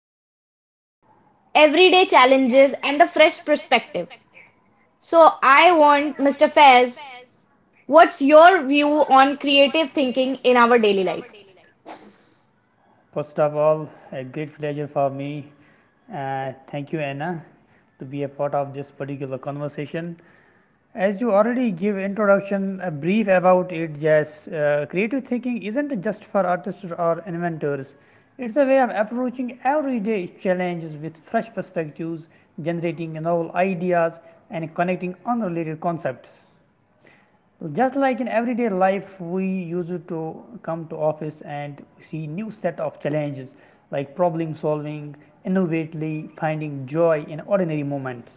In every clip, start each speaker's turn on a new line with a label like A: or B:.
A: approaching everyday challenges and a fresh perspective. So, I want Mr. Faz, what's your view on creative thinking in our daily lives?
B: First of all, a great pleasure for me. Thank you, Anna, to be a part of this particular conversation. As you already give introduction, a brief about it, Jess. Creative thinking isn't just for artists or inventors. It's a way of approaching everyday challenges with fresh perspectives, generating novel ideas, and connecting unrelated concepts. So just like in everyday life, we used to come to office and see new set of challenges like problem solving, innovatively finding joy in ordinary moments.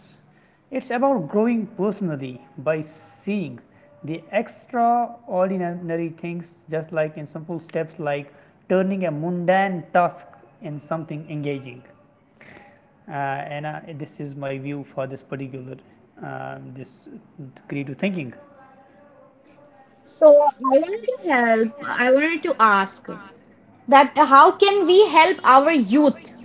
B: It's about growing personally by seeing the extraordinary things just like in simple steps like turning a mundane task in something engaging. Uh, and This is my view for this particular this creative thinking.
A: So, I I wanted to ask. That how can we help our youth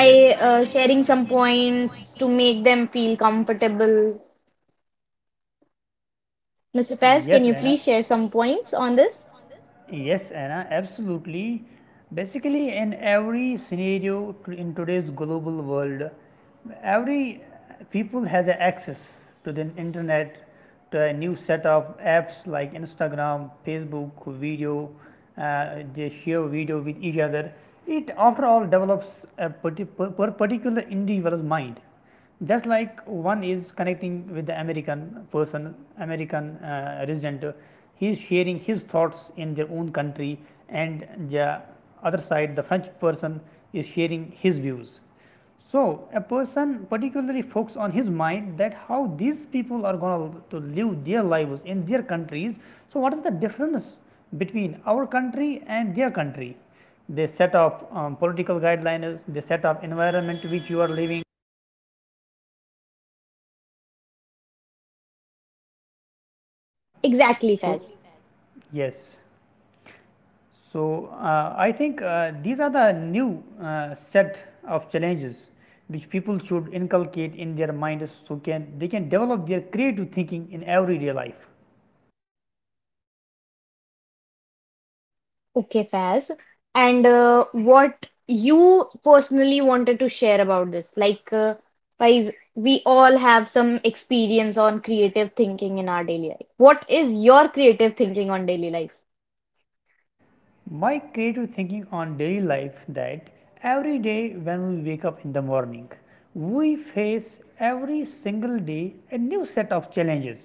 B: Yes.
A: sharing some points to make them feel comfortable? Mr. Faz,
B: Yes,
A: can you
B: Anna.
A: please share some points on this?
B: This? Yes, Anna, absolutely. Basically, in every scenario in today's global world, every people has a access to the internet, to a new set of apps like Instagram, Facebook, video. Uh, they share video with each other. It, after all, develops a parti- per per particular individual's mind just like one is connecting with the American person, American resident, he is sharing his thoughts in their own country, and the other side, the French person is sharing his views. So, a person particularly focuses on his mind that how these people are going to live their lives in their countries. So, what is the difference between our country and their country? They set up political guidelines, they set up environment which you are living.
A: Exactly,
B: So,
A: Faz.
B: yes. So, I think these are the new set of challenges which people should inculcate in their minds so can they can develop their creative thinking in everyday life.
A: Okay, Faz. And what you personally wanted to share about this? Faiz, we all have some experience on creative thinking in our daily life. What is your creative thinking on daily life?
B: My creative thinking on daily life that every day when we wake up in the morning, we face every single day a new set of challenges.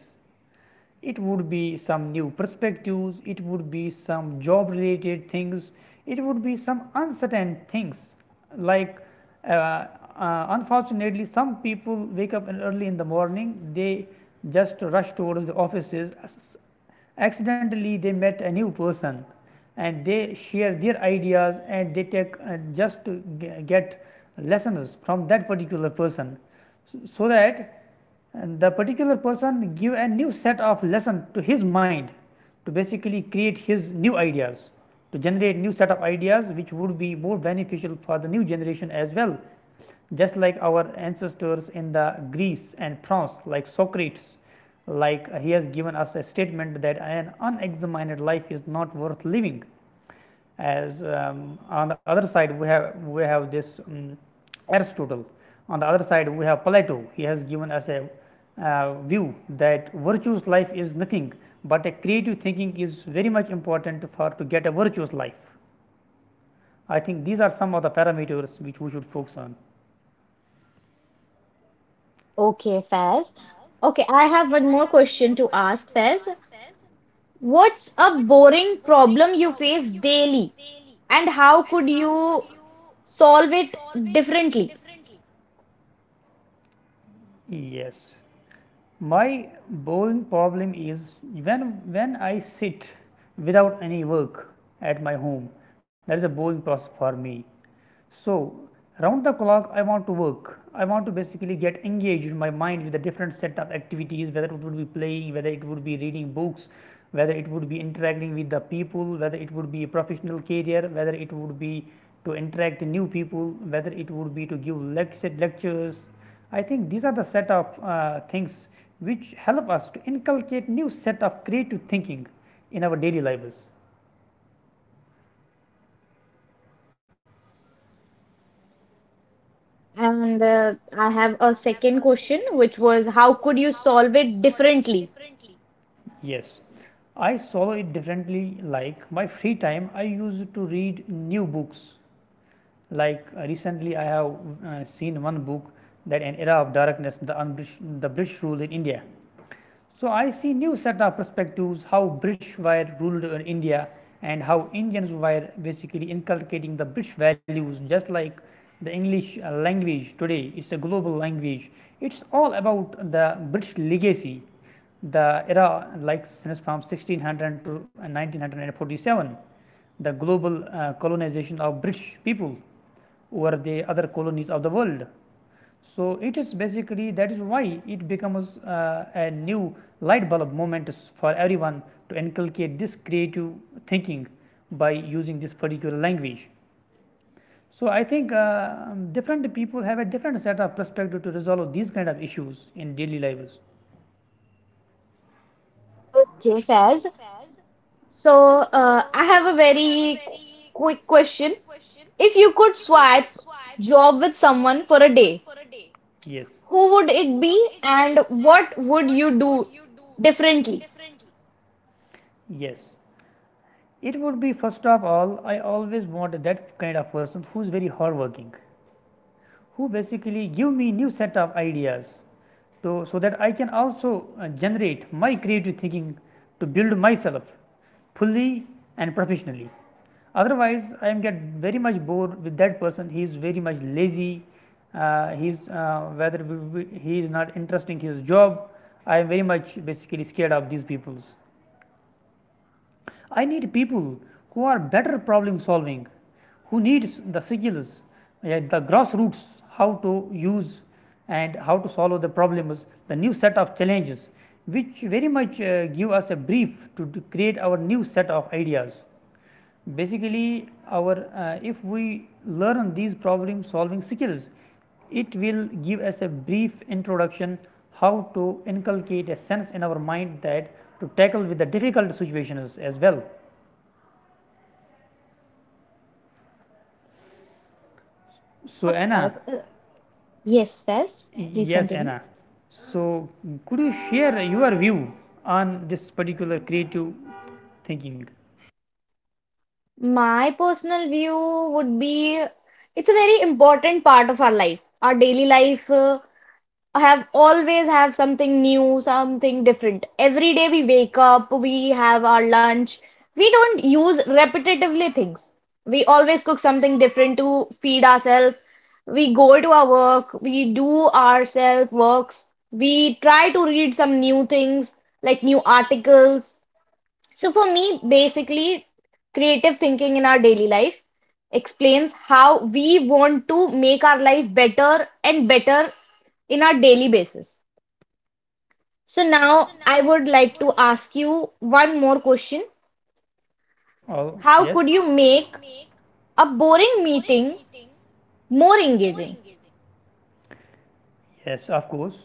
B: It would be some new perspectives, it would be some job related things, it would be some uncertain things like uh, unfortunately some people wake up early in the morning, they just rush towards the offices, accidentally they met a new person and they share their ideas and they take just to get lessons from that particular person so that the particular person give a new set of lesson to his mind to basically create his new ideas to generate new set of ideas which would be more beneficial for the new generation as well just like our ancestors in the greece and france like socrates like he has given us a statement that an unexamined life is not worth living. As on the other side, we have this Aristotle. On the other side, we have Plato. He has given us a view that virtuous life is nothing, but a creative thinking is very much important for to get a virtuous life. I think these are some of the parameters which we should focus on.
A: Okay, Faz. Okay, I have one more question to ask, Faz. What's a boring problem you face daily, and how could you solve it differently?
B: Yes. My boring problem is when I sit without any work at my home, that is a boring process for me. So, round the clock I want to work. I want to basically get engaged in my mind with a different set of activities, whether it would be playing, whether it would be reading books, whether it would be interacting with the people, whether it would be a professional career, whether it would be to interact with new people, whether it would be to give lecture, lectures. I think these are the set of things which help us to inculcate new set of creative thinking in our daily lives.
A: And I have a second question, which was how could you solve it differently?
B: Yes, I saw it differently. Like my free time, I used to read new books. Like recently, I have seen one book that an era of darkness, the Unbrish, the British rule in India. So I see new set of perspectives how British were ruled in India and how Indians were basically inculcating the British values, just like the English language today. It's a global language. It's all about the British legacy, the era like since from 1600 to 1947, the global colonization of british people over the other colonies of the world. So it is basically that is why it becomes a new light bulb moment for everyone to inculcate this creative thinking by using this particular language. So I think different people have a different set of perspective to resolve these kind of issues in daily lives.
A: Okay, Faz. So, I have a very qu- quick question. If you could swipe job with someone for a day,
B: Yes.
A: who would it be, and what would you do differently?
B: Yes. It would be first of all, I always want that kind of person who's very hardworking, who basically give me new set of ideas, to so that I can also generate my creative thinking to build myself fully and professionally. Otherwise, I am get very much bored with that person. He is very much lazy. He is he is not interesting his job. I am very much basically scared of these peoples. I need people who are better problem solving, who needs the skills, yeah, the grassroots, how to use and how to solve the problems, the new set of challenges, which very much give us a brief to create our new set of ideas. Basically, our if we learn these problem solving skills, it will give us a brief introduction how to inculcate a sense in our mind that to tackle with the difficult situations as well. So,
A: Okay,
B: Anna,
A: Faz. Yes, Faz. Please
B: yes,
A: continue.
B: Anna. So, could you share your view on this particular creative thinking?
A: My personal view would be it's a very important part of our life. Our daily life have something new, something different. Every day we wake up, we have our lunch. We don't use repetitively things. We always cook something different to feed ourselves. We go to our work, we do our self works. We try to read some new things like new articles. So for me, basically, creative thinking in our daily life explains how we want to make our life better and better in our daily basis. So now I would like to ask you one more question.
B: Oh,
A: How
B: yes,
A: could you make a boring meeting more engaging?
B: yes, of course.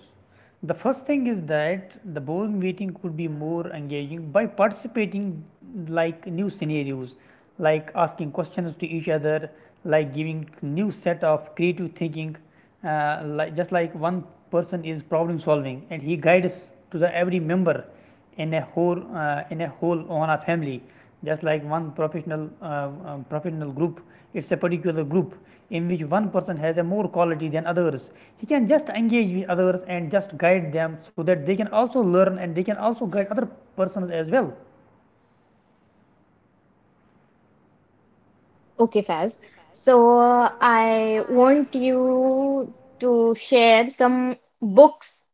B: The first thing is that the board meeting could be more engaging by participating like new scenarios, like asking questions to each other, like giving new set of creative thinking, like just like one person is problem solving and he guides to the every member in a whole on a family just like one professional professional group. It's a particular group in which one person has a more quality than others. He can just engage with others and just guide them so that they can also learn and they can also guide other persons as well.
A: Okay, Faz. So I want you to share some books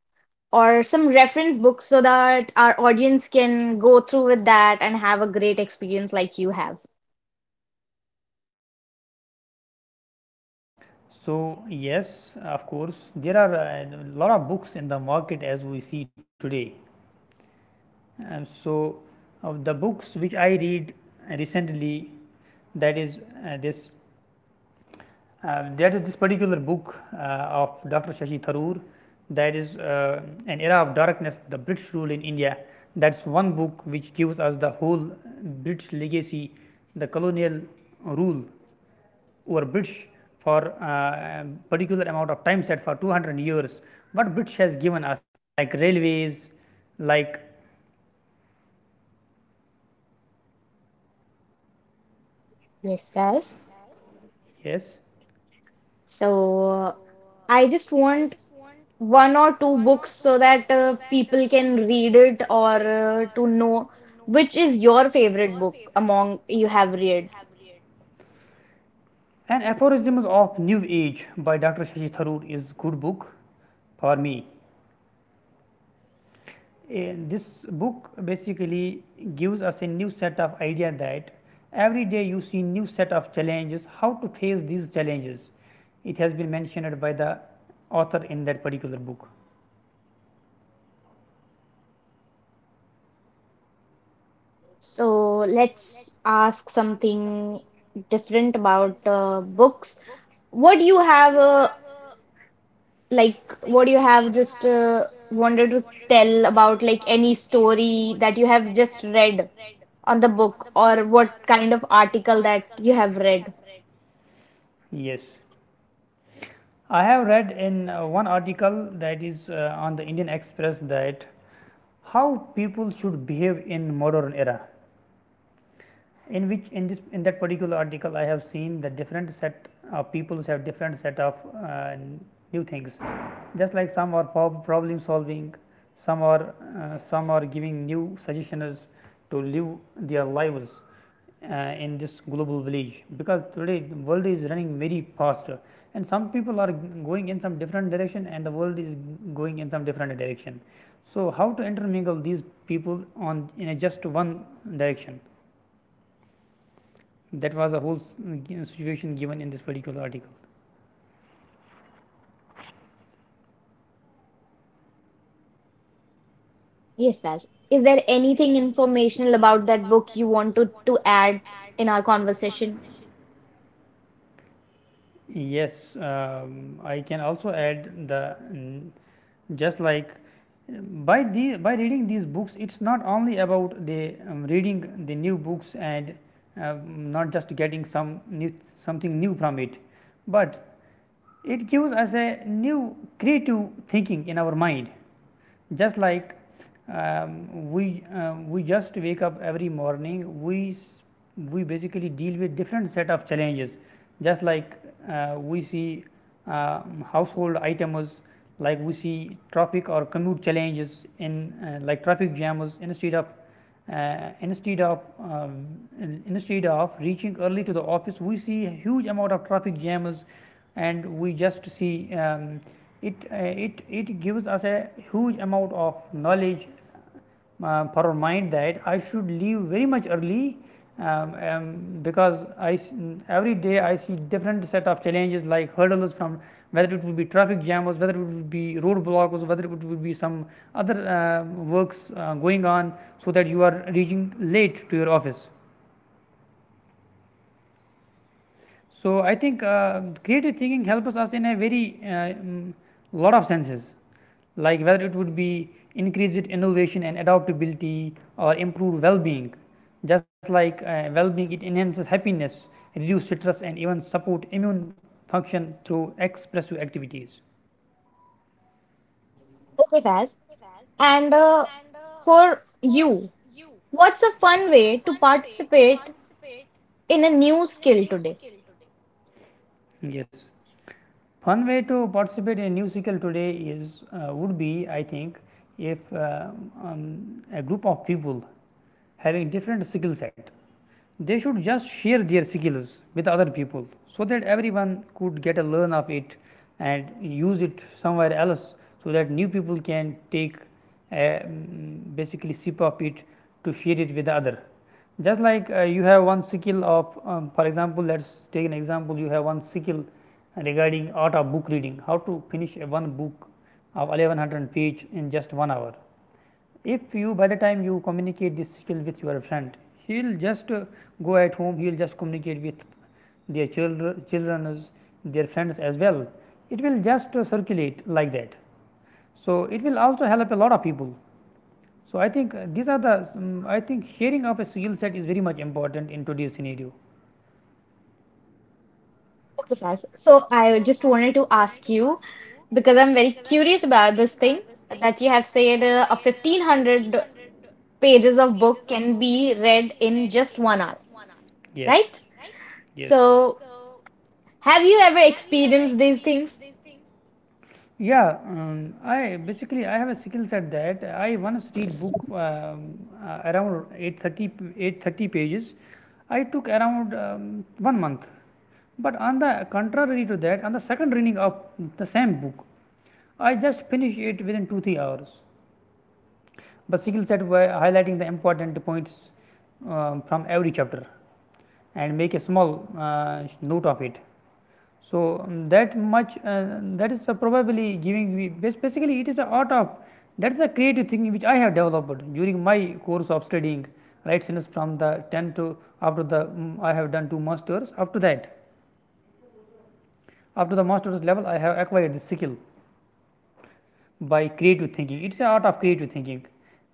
A: or some reference books so that our audience can go through with that and have a great experience like you have.
B: So yes, of course there are a lot of books in the market as we see today, and so the books which I read recently, that is uh, this this particular book of Dr. Shashi Tharoor, that is An Era of Darkness, The British Rule in India. That's one book which gives us the whole.
A: Yes, guys.
B: Yes.
A: So I just want one or two books so that people can read it or to know which is your favorite book among you have read.
B: And Aphorisms of New Age by Dr. Shashi Tharoor is good book for me. And this book basically gives us a new set of idea that every day you see new set of challenges, how to face these challenges. It has been mentioned by the author in that particular book.
A: So let's ask something different about books. What do you have a like what do you have just wanted to tell about like any story that you have just read on the book or what kind of article that you have read?
B: Yes. I have read in one article that is on the Indian Express that how people should behave in modern era in which in that particular article I have seen the different set of people have different set of uh, new things just like some are problem solving, some are some are giving new suggestions to live their lives in this global village because today the world is running very fast and some people are going in some different direction and the world is going in some different direction. So how to intermingle these people on in a just one direction, that was a whole situation given in this particular article.
A: Yes, Raz. Is there anything informational about that book you want to add in our conversation?
B: Yes, I can also add the just like uh, by the by reading these books, it's not only about the reading the new books and um, not just getting some new something new from it, but it gives us a new creative thinking in our mind. Just like um, we just wake up every morning, we basically deal with different set of challenges. Just like we see household items, like we see traffic or commute challenges in like traffic jams uh, instead of um, instead of reaching early to the office we see a huge amount of traffic jams and we just see it gives us a huge amount of knowledge for our mind that I should leave very much early, um, um, because every day I see different set of challenges like hurdles from whether it would be traffic jams, whether it would be roadblocks, whether it would be some other works going on, so that you are reaching late to your office. So I think creative thinking helps us in a very lot of senses. Like whether it would be increased innovation and adaptability or improved well-being. Just like well-being, it enhances happiness, reduce stress, and even support immune function through expressive activities.
A: Okay, Faz. And for you, what's a fun way to participate in a new skill today?
B: Yes. One way to participate in a new cycle today is would be, I think, if um, a group of people having different skill set. They should just share their skills with other people so that everyone could get a learn of it and use it somewhere else so that new people can take a basically sip of it to share it with the other. Just like You have one skill of, for example. Let us take an example. You have one skill regarding art of book reading, how to finish a one book of 1100 page in just 1 hour. If you, by the time you communicate this skill with your friend, he will just go at home. He will just communicate with their children, their friends as well. It will just circulate like that, so it will also help a lot of people. So I think these are the, I think sharing of a skill set is very much important in today's scenario.
A: Yes. So I just wanted to ask you because I'm very curious about this thing that you have said a 1500 pages of book can be read in just 1 hour,
B: Yes.
A: right?
B: Yes.
A: So have you ever experienced these things?
B: Yeah, I basically I have a skill set that I once read book around 830, 830 pages. I took around one month. But on the contrary to that, on the second reading of the same book, I just finished it within 2 3 hours. But skill set were highlighting the important points from every chapter and make a small note of it. So, that much that is probably giving me, basically it is a art of, that is a creative thing which I have developed during my course of studying right since from the 10 to after the I have done two masters. After that, after the masters level, I have acquired the skill by creative thinking. It is a art of creative thinking,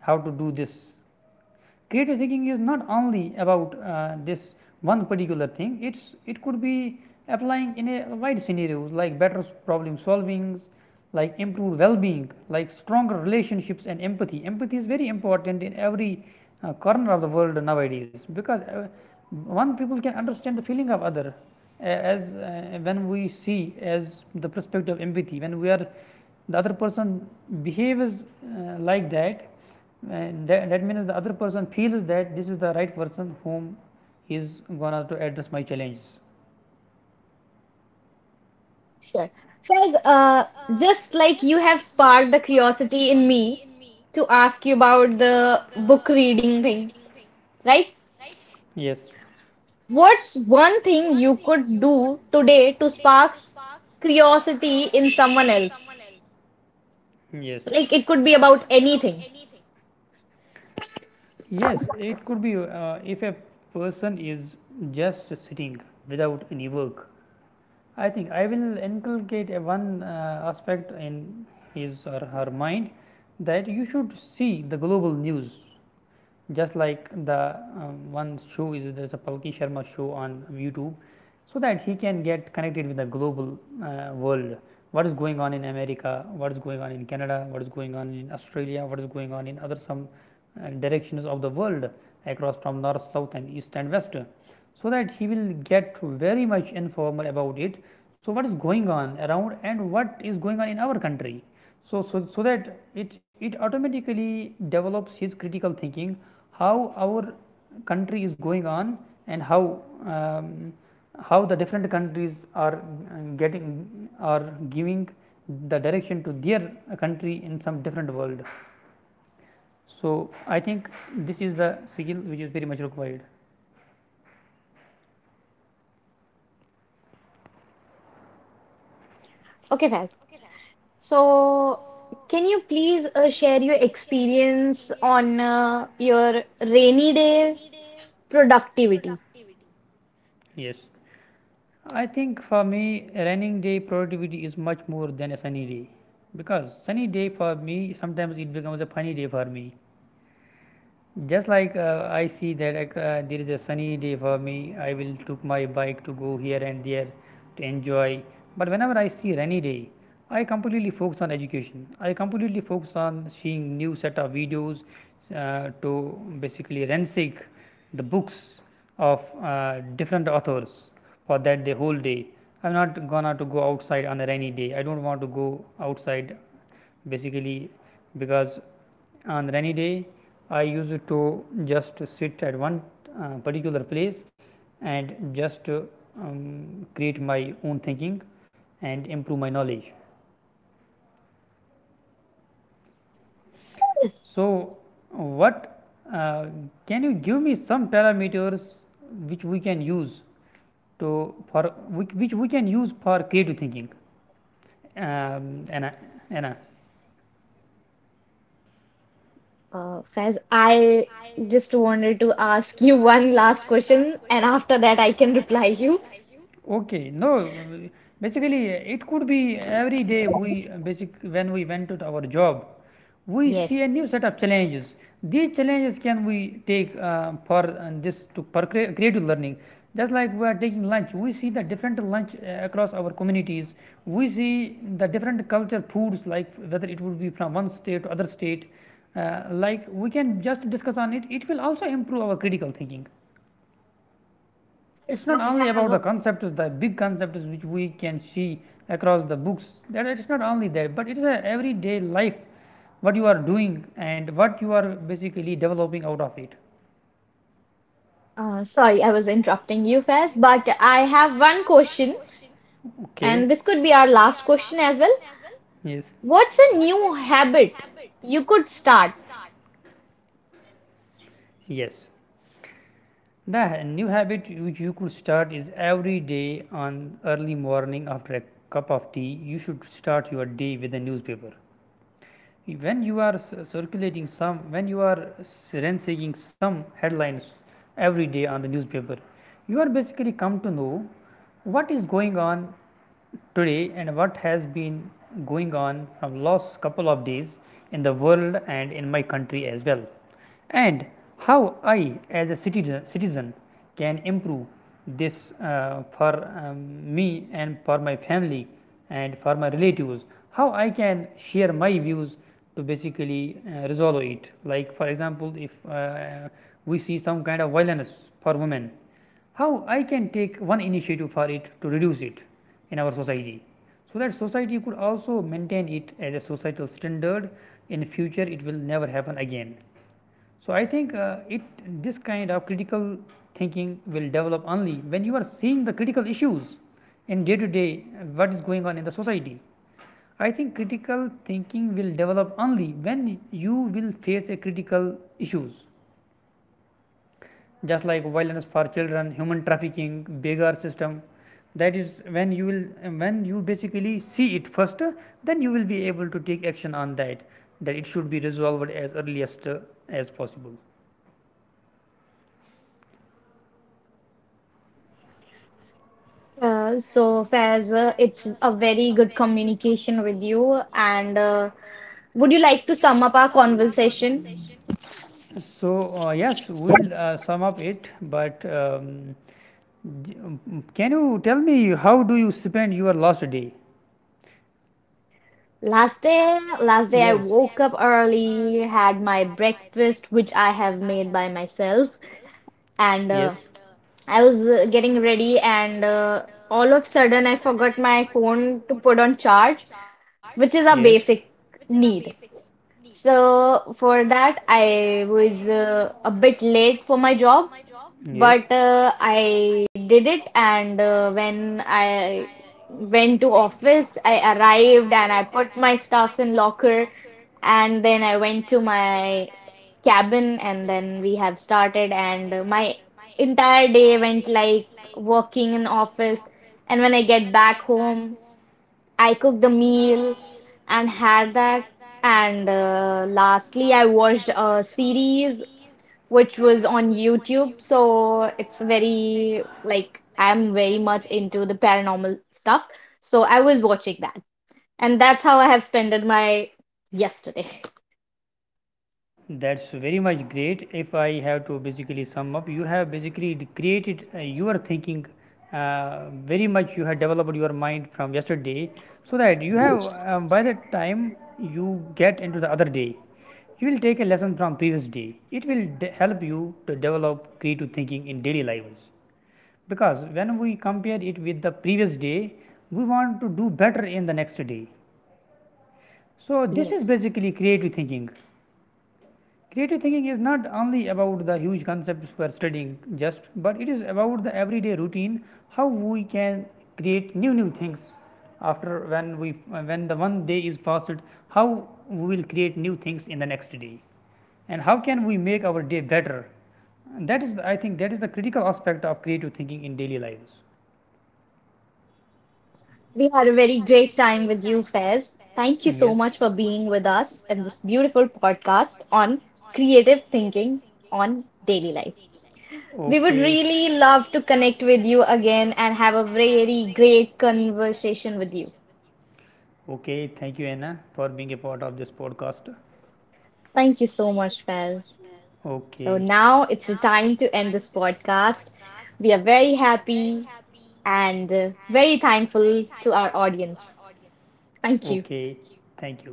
B: how to do this. Creative thinking is not only about this one particular thing. It could be applying in a wide scenarios, like better problem solvings, like improved well-being, like stronger relationships and empathy. Empathy is very important in every corner of the world nowadays because one people can understand the feeling of other as when we see as the perspective of empathy, when we are, the other person behaves like that, and that means the other person feels that this is the right person whom he is gonna to address my challenge.
A: Sure. Faiz, just like you have sparked the curiosity in me to ask you about the book reading thing, right?
B: Yes.
A: What's one thing you could do today to spark curiosity in someone else?
B: Yes.
A: Like it could be about anything.
B: Yes, it could be, if a person is just sitting without any work, I think I will inculcate a one aspect in his or her mind, that you should see the global news. Just like the one show, is there's a Palki Sharma show on YouTube, so that he can get connected with the global world. What is going on in America? What is going on in Canada? What is going on in Australia? What is going on in other some directions of the world, across from north, south, and east and west? So that he will get very much informal about it. So what is going on around, and what is going on in our country? So that it automatically develops his critical thinking, how our country is going on, and how, um, how the different countries are getting, are giving the direction to their country in some different world. So, I think this is the skill which is very much required.
A: Okay, Faz. So, can you please share your experience on your rainy day productivity?
B: Yes, I think for me raining day productivity is much more than a sunny day, because sunny day for me sometimes it becomes a funny day for me. Just like I see that there is a sunny day for me, I will took my bike to go here and there to enjoy. But whenever I see rainy day, I completely focus on education. I completely focus on seeing new set of videos to basically ransack the books of different authors for that the whole day. I'm not gonna to go outside on a rainy day. I don't want to go outside basically, because on rainy day I used to just sit at one particular place and just um, create my own thinking and improve my knowledge.
A: Yes.
B: So, what uh, can you give me some parameters which we can use to for which we can use for creative thinking? Anna, Anna,
A: Faz, I just wanted to ask you one last question, and after that, I can reply you.
B: okay, no, mm, basically it could be every day we basic when we went to our job, we see
A: Yes.
B: a new set of challenges. These challenges can we take for this to for creative learning. Just like we are taking lunch, we see the different lunch across our communities. We see the different culture foods, like whether it would be from one state to other state. Like we can just discuss on it. It will also improve our critical thinking. It's not
A: I
B: only about the
A: have,
B: concepts, the big concepts which we can see across the books. That it's not only that, but it is a everyday life, what you are doing and what you are basically developing out of it.
A: sorry, I was interrupting you, Faz, but I have one question,
B: Okay.
A: and this could be our last question as well.
B: Yes.
A: What's a new habit you could start?
B: Yes, the new habit which you could start is every day on early morning, after a cup of tea, you should start your day with a newspaper. When you are circulating some, when you are ransacking some headlines every day on the newspaper, you are basically come to know what is going on today and what has been going on from last couple of days in the world and in my country as well. And how I, as a citizen, can improve this for me and for my family and for my relatives, how I can share my views to basically resolve it. Like for example, if we see some kind of violence for women, how I can take one initiative for it to reduce it in our society, so that society could also maintain it as a societal standard. In future it will never happen again. So, I think it this kind of critical thinking will develop only when you are seeing the critical issues in day to day, what is going on in the society. I think critical thinking will develop only when you will face a critical issues, just like violence for children, human trafficking, beggar system. That is when you will, when you basically see it first, then you will be able to take action on that, that it should be resolved as earliest as possible.
A: So, Faiz, it's a very good communication with you. And would you like to sum up our conversation?
B: So, yes, we'll sum up it, but can you tell me how do you spend your last day?
A: Last day, I
B: Yes,
A: woke up early, had my breakfast, which I have made by myself, and
B: yes,
A: I was getting ready, and all of sudden, I forgot my phone to put on charge, which
B: yes,
A: is a basic need. So for that, I was a bit late for my job.
B: yes,
A: But I did it, and when I went to office, I arrived and I put my stuffs in locker, and then I went to my cabin, and then we have started, and my entire day went like working in office, and when I get back home, I cooked the meal and had that, and lastly, I watched a series which was on YouTube. So it's very like I'm very much into the paranormal stuff. So I was watching that. And that's how I have spent my yesterday.
B: that's very much great. If I have to basically sum up, you have basically created your thinking very much. You have developed your mind from yesterday, so that you have, by the time you get into the other day, you will take a lesson from previous day. It will help you to develop creative thinking in daily lives. Because when we compare it with the previous day, we want to do better in the next day. So this is
A: Yes.
B: basically creative thinking. Creative thinking is not only about the huge concepts we are studying just, but it is about the everyday routine, how we can create new things after, when we when the one day is passed, how we will create new things in the next day, and how can we make our day better. And that is, I think, that is the critical aspect of creative thinking in daily lives.
A: We had a very great time with you, Fez. Thank you so much
B: Yes.
A: for being with us in this beautiful podcast on creative thinking on daily life. We would
B: Okay.
A: really love to connect with you again and have a very great conversation with you.
B: With you. Okay, thank you, Anna, for being a part of this podcast.
A: Thank you so much, Fez.
B: Okay,
A: So now it's the time to end this podcast. We are very happy and very thankful to our audience. Thank you.
B: okay, thank you.